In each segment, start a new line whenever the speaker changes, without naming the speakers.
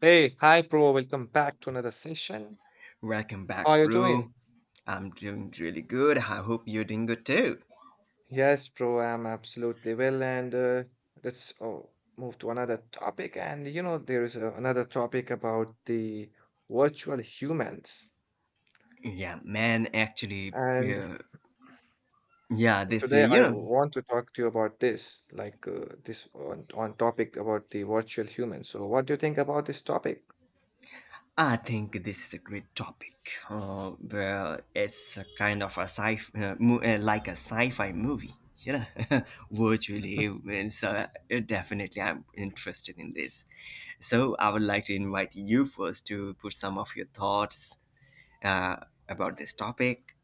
Hey, hi bro, welcome back to another session.
Welcome
How
back,
are you doing?
bro. I'm doing really good. I hope you're doing good too.
Yes, bro, I'm absolutely well, and let's oh, move to another topic. And you know, there is another topic about the virtual humans.
Yeah, man, actually,
And
yeah, yeah, this, uh,
today
you
I
know,
want to talk to you about this, like this on topic about the virtual humans. So, what do you think about this topic?
I think this is a great topic. Well, it's a kind of a like a sci fi movie, virtually. Definitely, I'm interested in this. So, I would like to invite you first to put some of your thoughts uh, about this topic.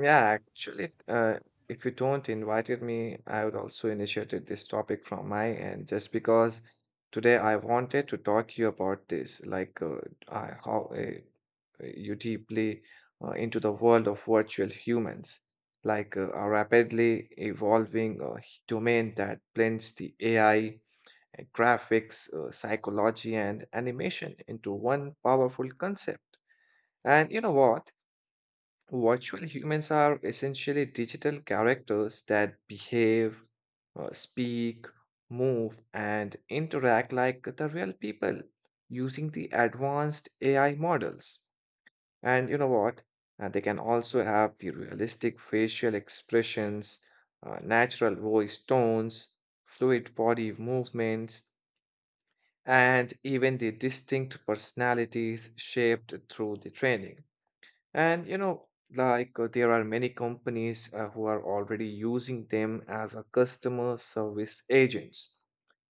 Yeah, actually, if you don't invited me, I would also initiated this topic from my end just because today I wanted to talk to you about this, like I, how you deeply into the world of virtual humans, like a rapidly evolving domain that blends the AI, graphics, psychology, and animation into one powerful concept. And you know what? Virtual humans are essentially digital characters that behave, speak, move, and interact like the real people using the advanced AI models. And you know what? They can also have the realistic facial expressions, natural voice tones, fluid body movements, and even the distinct personalities shaped through the training. And you know, like there are many companies who are already using them as a customer service agents,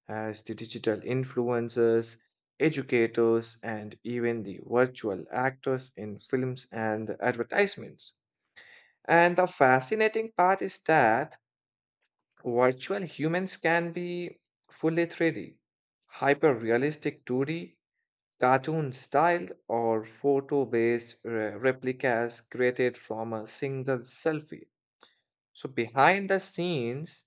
as the digital influencers, educators, and even the virtual actors in films and advertisements. And the fascinating part is that virtual humans can be fully 3D, hyper realistic 2D, cartoon style or photo based replicas created from a single selfie. So, behind the scenes,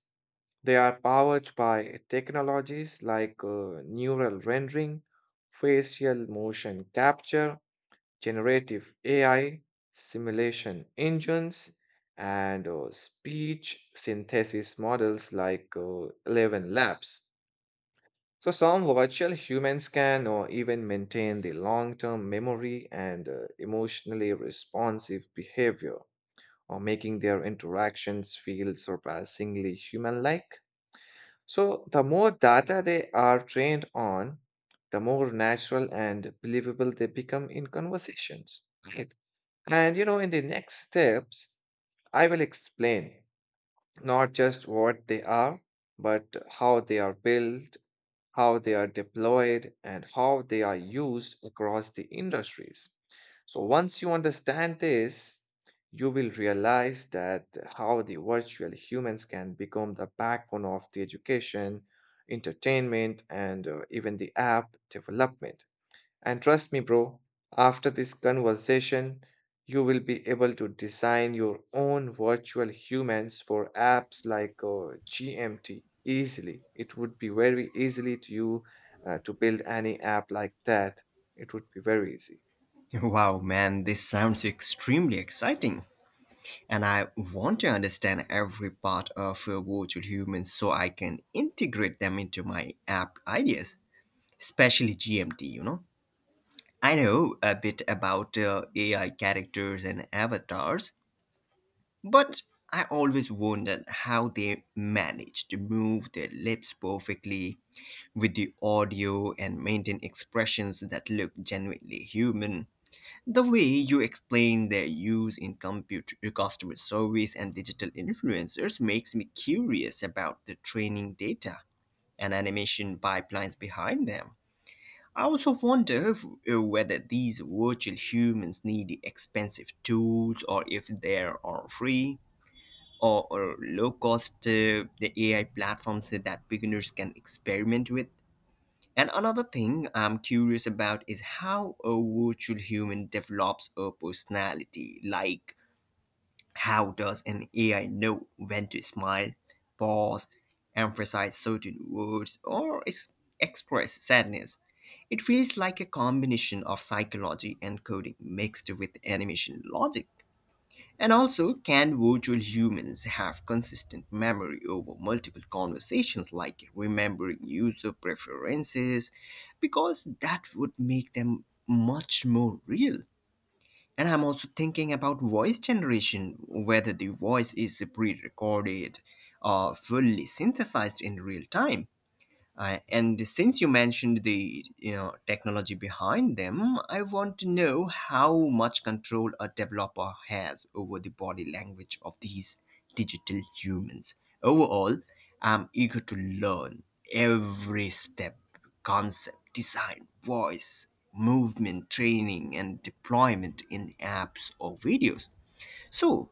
they are powered by technologies like neural rendering, facial motion capture, generative AI, simulation engines, and speech synthesis models like 11 Labs. So, some virtual humans can or even maintain the long term memory and emotionally responsive behavior, or making their interactions feel surpassingly human like. So, the more data they are trained on, the more natural and believable they become in conversations. Right. And you know, in the next steps, I will explain not just what they are, but how they are built, how they are deployed, and how they are used across the industries. So, once you understand this, you will realize that how the virtual humans can become the backbone of the education, entertainment, and even the app development. And trust me, bro, after this conversation, you will be able to design your own virtual humans for apps like GMT easily. It would be very easily to you to build any app like that. It would be very easy.
Wow, man, this sounds extremely exciting. And I want to understand every part of virtual humans so I can integrate them into my app ideas, especially GMT. I know a bit about AI characters and avatars, but I always wondered how they manage to move their lips perfectly with the audio and maintain expressions that look genuinely human. The way you explain their use in customer service and digital influencers makes me curious about the training data and animation pipelines behind them. I also wonder whether these virtual humans need expensive tools or if there are free or low cost the AI platforms that beginners can experiment with. And another thing I'm curious about is how a virtual human develops a personality. Like, how does an AI know when to smile, pause, emphasize certain words, or express sadness? It feels like a combination of psychology and coding mixed with animation logic. And also, can virtual humans have consistent memory over multiple conversations, like remembering user preferences? Because that would make them much more real. And I'm also thinking about voice generation, whether the voice is pre recorded or fully synthesized in real time. And since you mentioned the technology behind them, I want to know how much control a developer has over the body language of these digital humans. Overall, I'm eager to learn every step, concept, design, voice, movement, training, and deployment in apps or videos. So,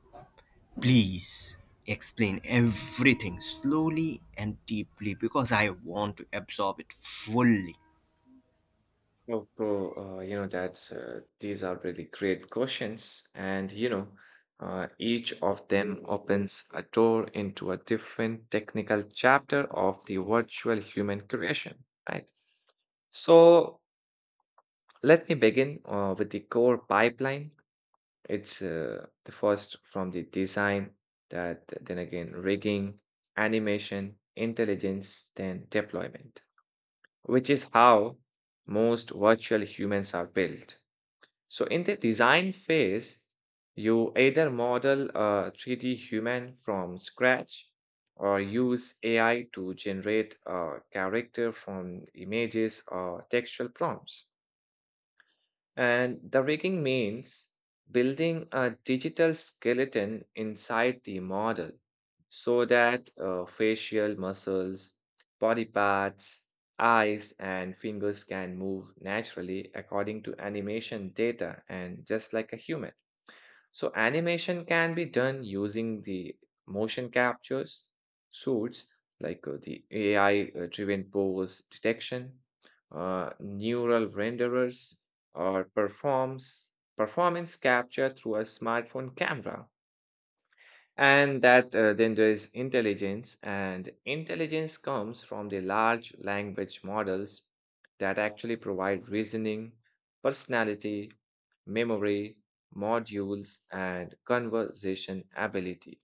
please explain everything slowly and deeply because I want to absorb it fully.
Oh, bro, you know, that's these are really great questions, and you know, each of them opens a door into a different technical chapter of the virtual human creation, right? So let me begin with the core pipeline. It's the first from the design, that then again rigging, animation, intelligence, then deployment, which is how most virtual humans are built. So, in the design phase, you either model a 3D human from scratch or use AI to generate a character from images or textual prompts. And the rigging means building a digital skeleton inside the model so that facial muscles, body parts, eyes, and fingers can move naturally according to animation data and just like a human. So animation can be done using the motion captures suits like the AI-driven pose detection, neural renderers, or performs performance capture through a smartphone camera. And that then there is intelligence, and intelligence comes from the large language models that actually provide reasoning, personality, memory, modules, and conversation ability.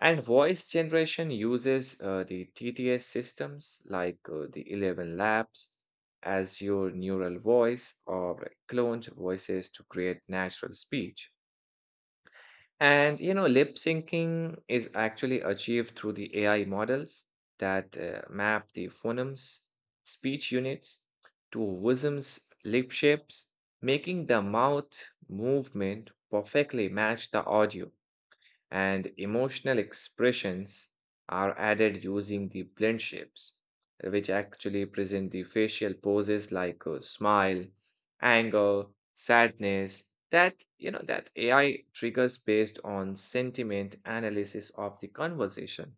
And voice generation uses the TTS systems like the 11 Labs as your neural voice or cloned voices to create natural speech. And you know, lip syncing is actually achieved through the AI models that map the phonemes, speech units to Wism's lip shapes, making the mouth movement perfectly match the audio, and emotional expressions are added using the blend shapes, which actually present the facial poses like a smile, anger, sadness. That you know that AI triggers based on sentiment analysis of the conversation.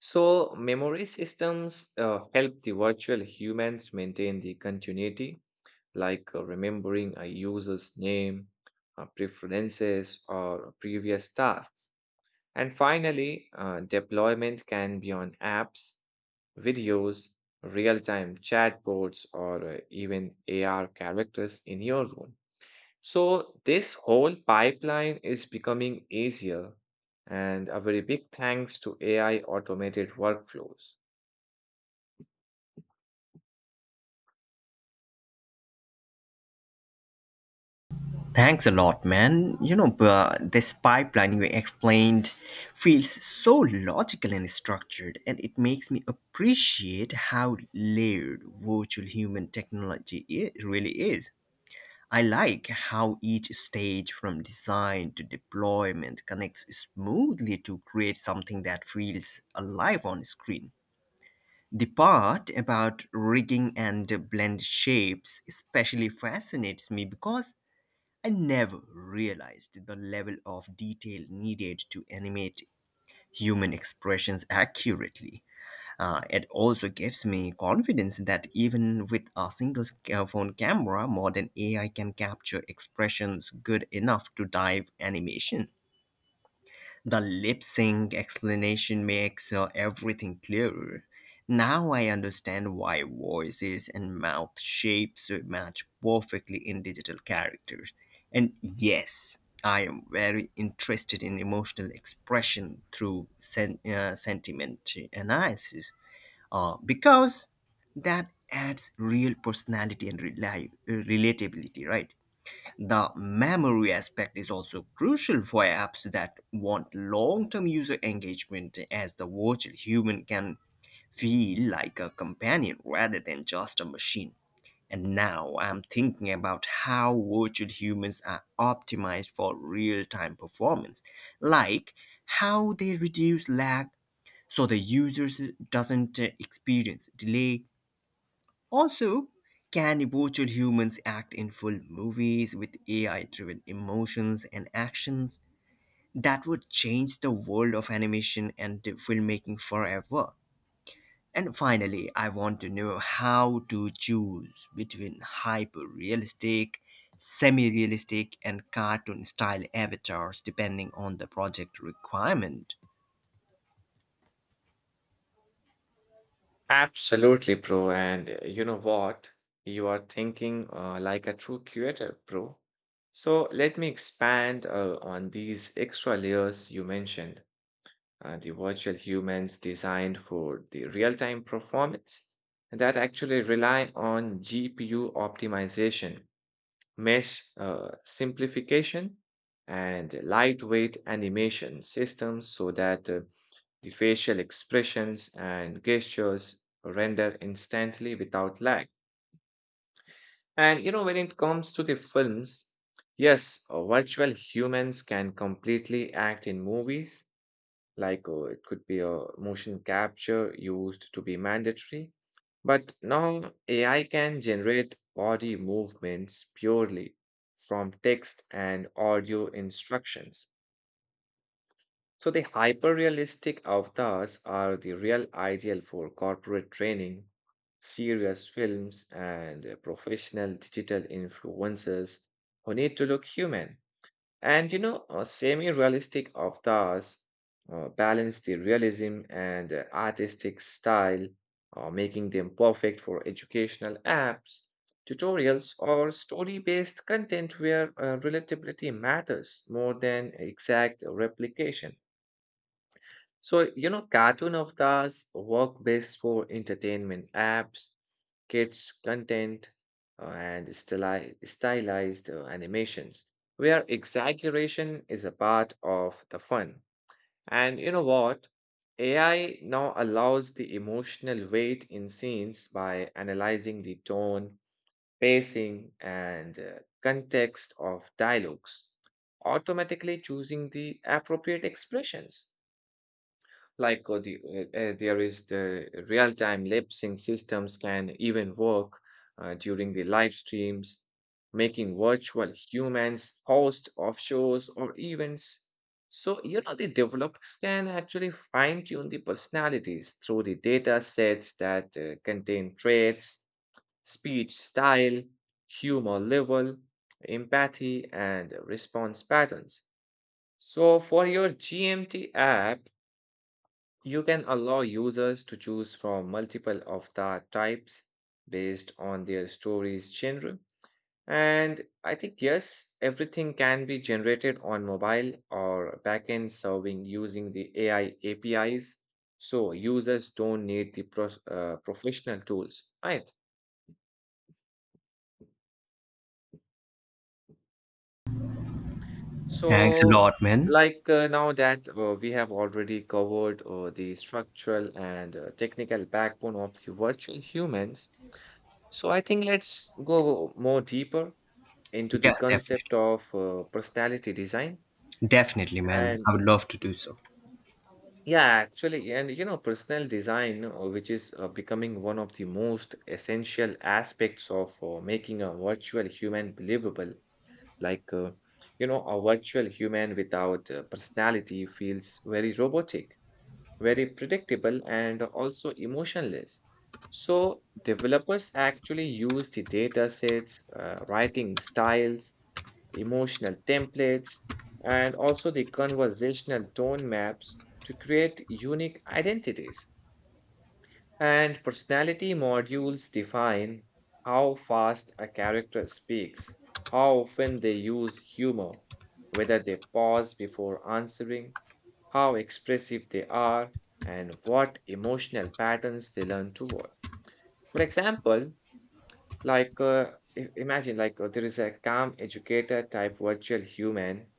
So memory systems help the virtual humans maintain the continuity, like remembering a user's name, preferences, or previous tasks. And finally, deployment can be on apps, videos, real time chatbots, or even AR characters in your room. So, this whole pipeline is becoming easier, and a very big thanks to AI automated workflows.
Thanks a lot, man. This pipeline you explained feels so logical and structured, and it makes me appreciate how layered virtual human technology really is. I like how each stage from design to deployment connects smoothly to create something that feels alive on screen. The part about rigging and blend shapes especially fascinates me because I never realized the level of detail needed to animate human expressions accurately. It also gives me confidence that even with a single phone camera, modern AI can capture expressions good enough to dive animation. The lip sync explanation makes everything clearer. Now I understand why voices and mouth shapes match perfectly in digital characters. And yes, I am very interested in emotional expression through sentiment analysis because that adds real personality and relatability, right? The memory aspect is also crucial for apps that want long term user engagement, as the virtual human can feel like a companion rather than just a machine. And now I'm thinking about how virtual humans are optimized for real time performance, like how they reduce lag so the user doesn't experience delay also, can virtual humans act in full movies with AI driven emotions and actions that would change the world of animation and filmmaking forever? And finally, I want to know how to choose between hyper realistic, semi realistic, and cartoon style avatars depending on the project requirement.
Absolutely, bro. And you know what? You are thinking like a true curator, bro. So let me expand on these extra layers you mentioned, the virtual humans designed for the real-time performance that actually rely on GPU optimization, mesh simplification, and lightweight animation systems so that the facial expressions and gestures render instantly without lag. And you know, when it comes to the films, yes, virtual humans can completely act in movies, like it could be a motion capture used to be mandatory. But now AI can generate body movements purely from text and audio instructions. So the hyper-realistic avatars are the real ideal for corporate training, serious films, and professional digital influencers who need to look human. And you know, semi-realistic avatars balance the realism and artistic style, making them perfect for educational apps, tutorials, or story-based content where relatability matters more than exact replication. So, you know, cartoon of work best for entertainment apps, kids' content, and stylized animations, where exaggeration is a part of the fun. And you know what? AI now allows the emotional weight in scenes by analyzing the tone, pacing, and context of dialogues, automatically choosing the appropriate expressions like there is the real-time lip sync systems can even work during the live streams, making virtual humans host of shows or events. So you know the developers can actually fine-tune the personalities through the data sets that contain traits, speech style, humor level, empathy and response patterns. So for your GMT app, you can allow users to choose from multiple of the types based on their stories' genre. And I think, yes, everything can be generated on mobile or backend serving using the AI APIs. So users don't need the professional tools, right?
Thanks a
So,
lot, man.
like now that we have already covered the structural and technical backbone of the virtual humans, so I think let's go more deeper into the
Yeah, definitely.
concept of personality design.
Definitely, man. I
And
would love to do so.
yeah actually and You know, personal design which is becoming one of the most essential aspects of making a virtual human believable, like you know, a virtual human without personality feels very robotic, very predictable and also emotionless. So, developers actually use the data sets, writing styles, emotional templates, and also the conversational tone maps to create unique identities. And personality modules define how fast a character speaks, how often they use humor, whether they pause before answering, how expressive they are, and what emotional patterns they learn to work. For example, like imagine, like there is a calm educator type virtual human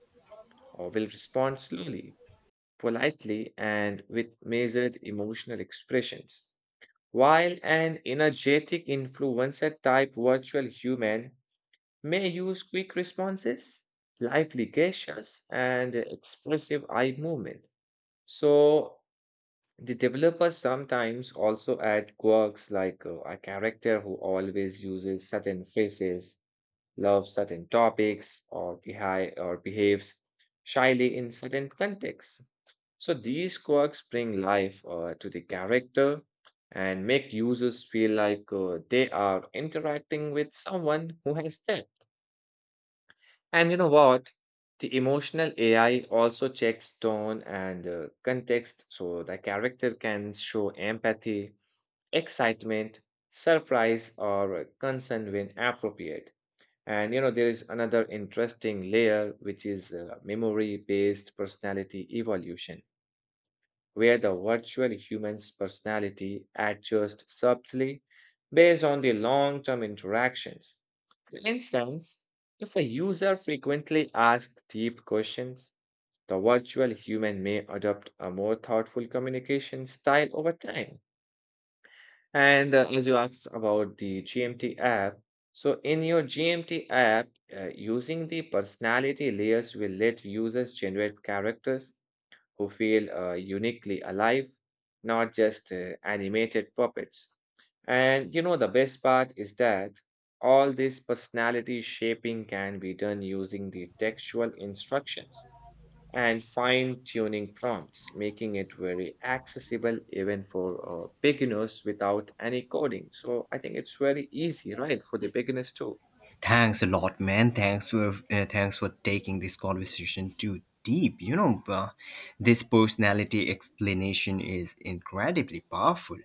or will respond slowly, politely, and with measured emotional expressions. While an energetic influencer type virtual human may use quick responses, lively gestures, and expressive eye movement. So, the developers sometimes also add quirks, like a character who always uses certain phrases, loves certain topics, or, behaves shyly in certain contexts. So these quirks bring life to the character and make users feel like they are interacting with someone who has that. And you know what? The emotional AI also checks tone and context so the character can show empathy, excitement, surprise, or concern when appropriate. And you know, there is another interesting layer, which is memory based personality evolution, where the virtual human's personality adjusts subtly based on the long term interactions. For instance, if a user frequently asks deep questions, the virtual human may adopt a more thoughtful communication style over time. And as you asked about the GMT app, so in your GMT app, using the personality layers will let users generate characters who feel uniquely alive, not just animated puppets. And you know, the best part is that all this personality shaping can be done using the textual instructions and fine tuning prompts, making it very accessible even for beginners without any coding. So I think it's very easy, right, for the beginners too.
Thanks a lot, man. Thanks for taking this conversation too deep. This personality explanation is incredibly powerful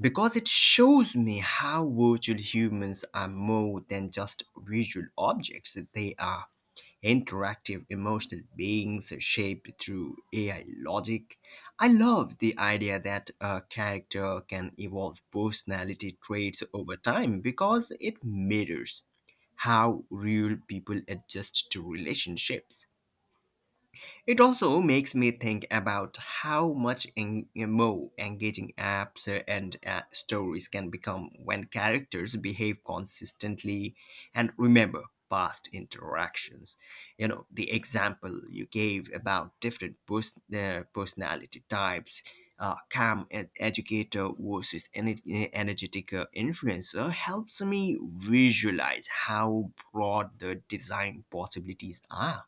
because it shows me how virtual humans are more than just visual objects. They are interactive emotional beings shaped through AI logic. I love the idea that a character can evolve personality traits over time because it mirrors how real people adjust to relationships. It also makes me think about how much more engaging apps and stories can become when characters behave consistently and remember past interactions. You know, the example you gave about different personality types. Calm educator versus energetic influencer helps me visualize how broad the design possibilities are.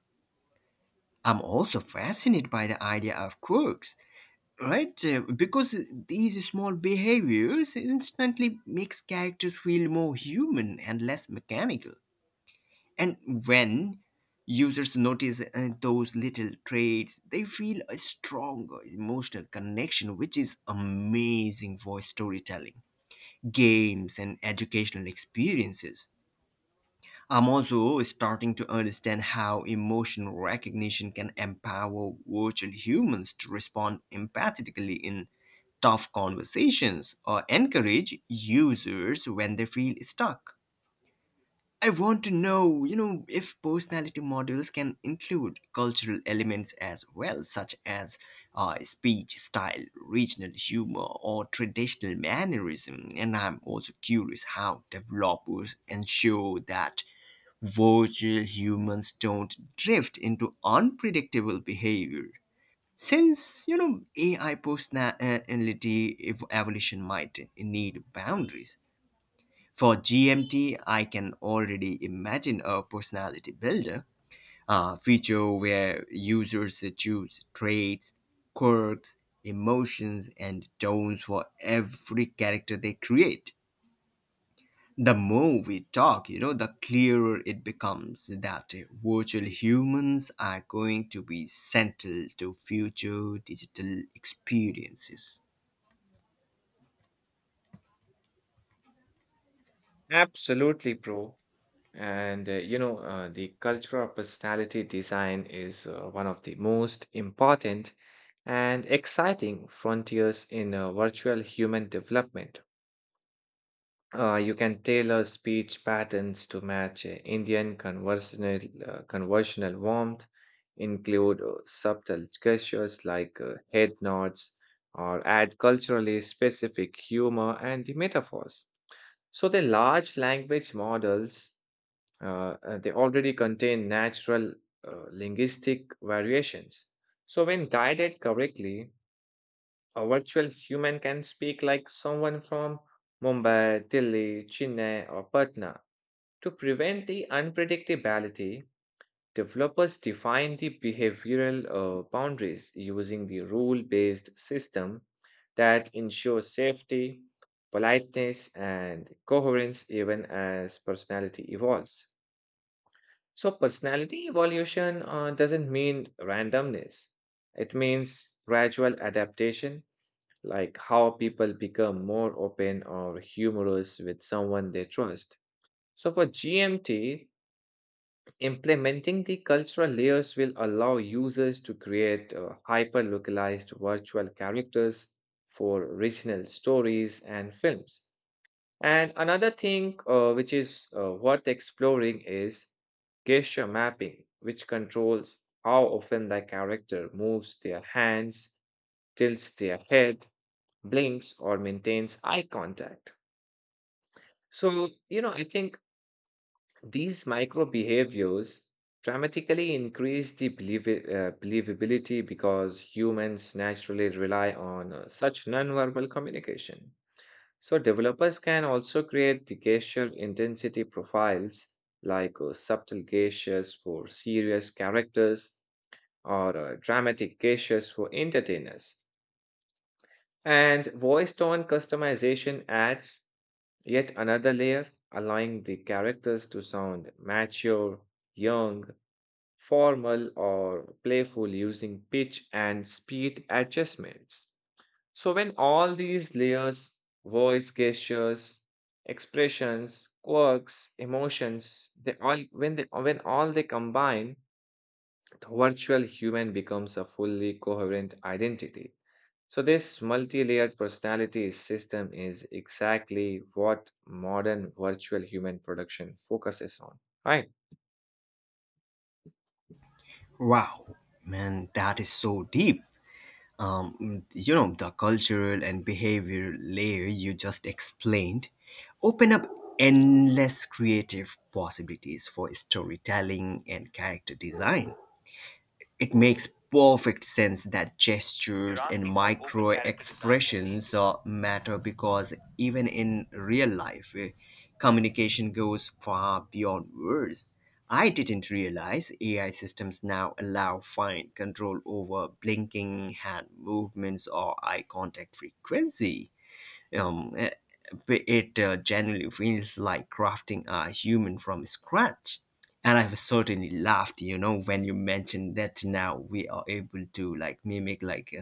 I'm also fascinated by the idea of quirks, right? Because these small behaviors instantly makes characters feel more human and less mechanical. And when users notice those little traits, they feel a stronger emotional connection, which is amazing for storytelling, games, and educational experiences. I'm also starting to understand how emotion recognition can empower virtual humans to respond empathetically in tough conversations or encourage users when they feel stuck. I want to know, you know, if personality models can include cultural elements as well, such as speech style, regional humor, or traditional mannerism. And I'm also curious how developers ensure that virtual humans don't drift into unpredictable behavior since you know AI personality evolution might need boundaries for GMT. I can already imagine a personality builder, a feature where users choose traits, quirks, emotions and tones for every character they create. The more we talk, you know, the clearer it becomes that virtual humans are going to be central to future digital experiences.
Absolutely, bro. And you know, the cultural personality design is one of the most important and exciting frontiers in virtual human development. You can tailor speech patterns to match Indian conversational warmth, include subtle gestures like head nods, or add culturally specific humor and the metaphors. So the large language models they already contain natural linguistic variations. So when guided correctly, a virtual human can speak like someone from Mumbai, Delhi, Chennai, or Patna. To prevent the unpredictability, developers define the behavioral boundaries using the rule based system that ensures safety, politeness, and coherence even as personality evolves. So, personality evolution doesn't mean randomness, it means gradual adaptation, like how people become more open or humorous with someone they trust. So, for GMT, implementing the cultural layers will allow users to create hyper localized virtual characters for regional stories and films. And another thing which is worth exploring is gesture mapping, which controls how often the character moves their hands, tilts their head, blinks, or maintains eye contact. So, you know, I think these micro behaviors dramatically increase the believability because humans naturally rely on such nonverbal communication. So developers can also create the gesture intensity profiles like subtle gestures for serious characters or dramatic gestures for entertainers. And voice tone customization adds yet another layer, allowing the characters to sound mature, young, formal or playful using pitch and speed adjustments. So, when all these layers, voice gestures, expressions, quirks, emotions, they all when they when all they combine, the virtual human becomes a fully coherent identity. So this multi-layered personality system is exactly what modern virtual human production focuses on, right?
Wow, man, that is so deep. You know, the cultural and behavior layer you just explained open up endless creative possibilities for storytelling and character design. It makes perfect sense that gestures you're gestures and asking me to micro overanalyze this argument. Expressions matter because even in real life, communication goes far beyond words. I didn't realize AI systems now allow fine control over blinking, hand movements, or eye contact frequency. Um, eh, but it genuinely feels like crafting a human from scratch. And I've certainly laughed, you know, when you mentioned that now we are able to like mimic like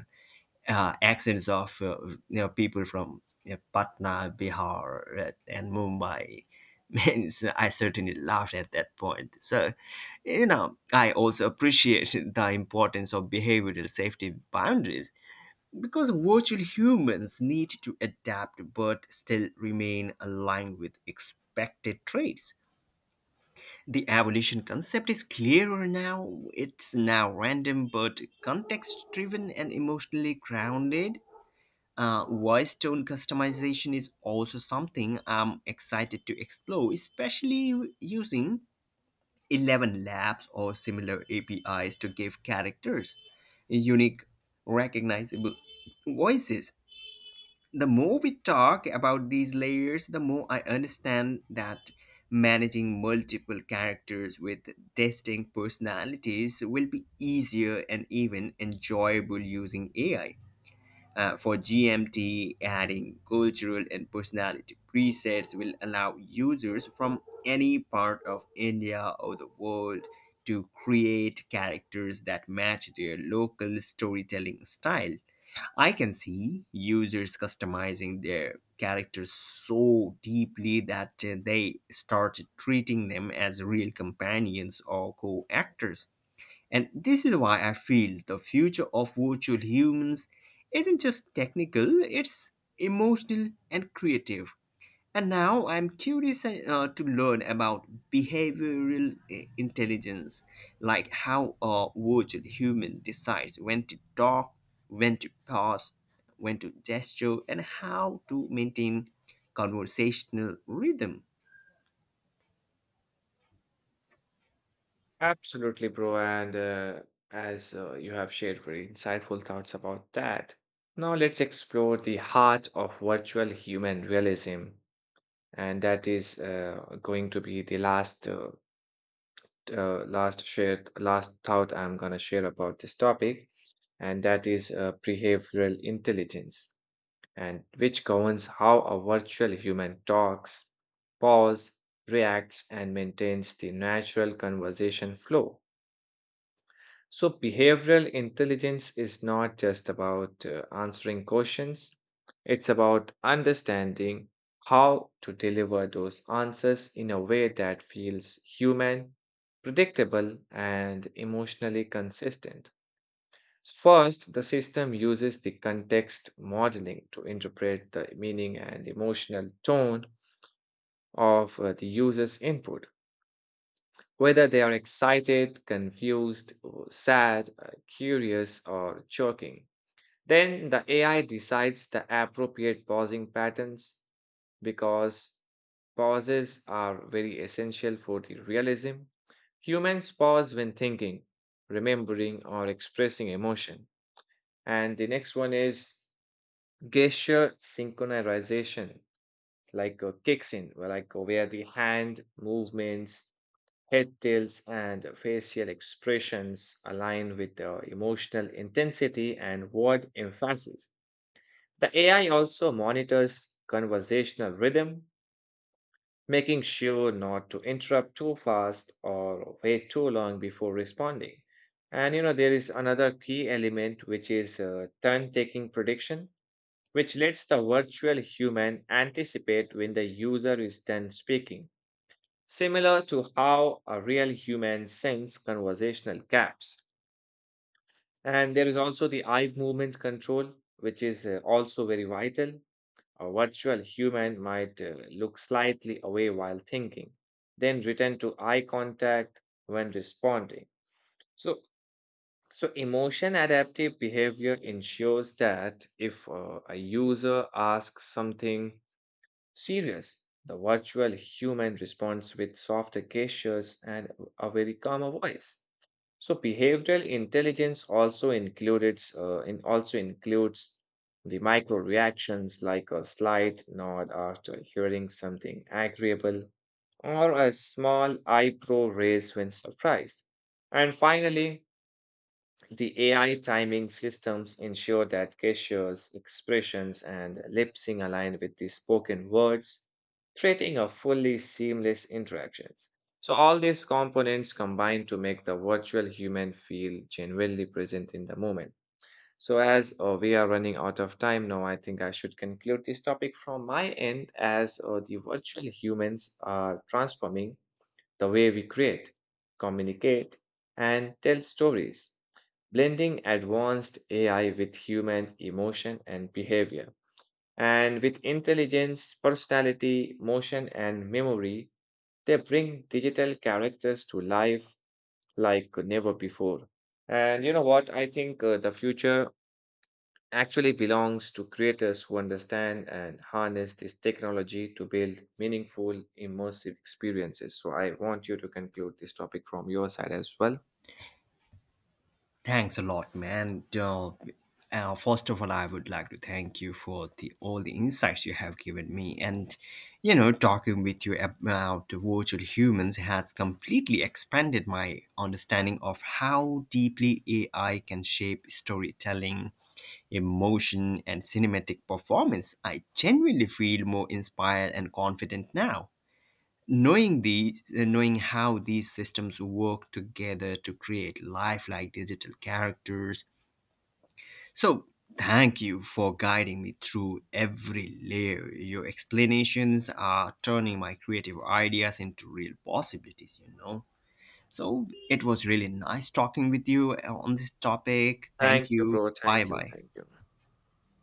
uh, uh, accents of people from Patna, Bihar, and Mumbai. Means I certainly laughed at that point. So, you know, I also appreciate the importance of behavioral safety boundaries because virtual humans need to adapt but still remain aligned with expected traits. The evolution concept is clearer now. It's now random but context driven and emotionally grounded. Voice tone customization is also something I'm excited to explore, especially using 11 labs or similar APIs to give characters unique, recognizable voices. The more we talk about these layers, the more I understand that managing multiple characters with distinct personalities will be easier and even enjoyable using AI. For GMT, adding cultural and personality presets will allow users from any part of India or the world to create characters that match their local storytelling style. I can see users customizing their characters so deeply that they start treating them as real companions or co actors. And this is why I feel the future of virtual humans isn't just technical, it's emotional and creative. And now I'm curious to learn about behavioral intelligence, like how a virtual human decides when to talk, when to pause, when to gesture, and how to maintain conversational rhythm.
Absolutely, bro. And as you have shared very insightful thoughts about that, now let's explore the heart of virtual human realism. And that is going to be the last last share last thought I'm gonna share about this topic, and that is behavioral intelligence, and which governs how a virtual human talks, pause, reacts, and maintains the natural conversation flow. So, behavioral intelligence is not just about answering questions, it's about understanding how to deliver those answers in a way that feels human, predictable, and emotionally consistent. First, the system uses the context modeling to interpret the meaning and emotional tone of the user's input whether they are excited, confused, or sad, curious, or choking. Then the AI decides the appropriate pausing patterns because pauses are very essential for the realism. Humans pause when thinking, remembering, or expressing emotion. And the next one is gesture synchronization, like kicks in, where like where the hand movements head tilts and facial expressions align with the emotional intensity and word emphasis. The AI also monitors conversational rhythm, making sure not to interrupt too fast or wait too long before responding. And you know, there is another key element which is turn taking prediction, which lets the virtual human anticipate when the user is done speaking similar to how a real human sends conversational gaps. And there is also the eye movement control, which is also very vital. A virtual human might look slightly away while thinking, then return to eye contact when responding. So, so emotion adaptive behavior ensures that if a user asks something serious, the virtual human responds with softer gestures and a very calmer voice. So behavioral intelligence also includes the micro reactions like a slight nod after hearing something agreeable or a small eyebrow raise when surprised. And finally, the AI timing systems ensure that gestures, expressions, and lip sync align with the spoken words, creating a fully seamless interaction. So, all these components combine to make the virtual human feel genuinely present in the moment. So, as we are running out of time now, I think I should conclude this topic from my end as the virtual humans are transforming the way we create, communicate, and tell stories blending advanced AI with human emotion and behavior. And with intelligence, personality, motion, and memory, they bring digital characters to life like never before. And you know what? I think the future actually belongs to creators who understand and harness this technology to build meaningful, immersive experiences. So I want you to conclude this topic from your side as well.
Thanks a lot, man. First of all, I would like to thank you for the all the insights you have given me, and you know, talking with you about the virtual humans has completely expanded my understanding of how deeply AI can shape storytelling, emotion, and cinematic performance. I genuinely feel more inspired and confident now, knowing how these systems work together to create lifelike digital characters. So thank you for guiding me through every layer. Your explanations are turning my creative ideas into real possibilities, you know. So it was really nice talking with you on this topic. Thank
Thank you,
you.
bro.
Bye
Thank you.
bye.
Thank you.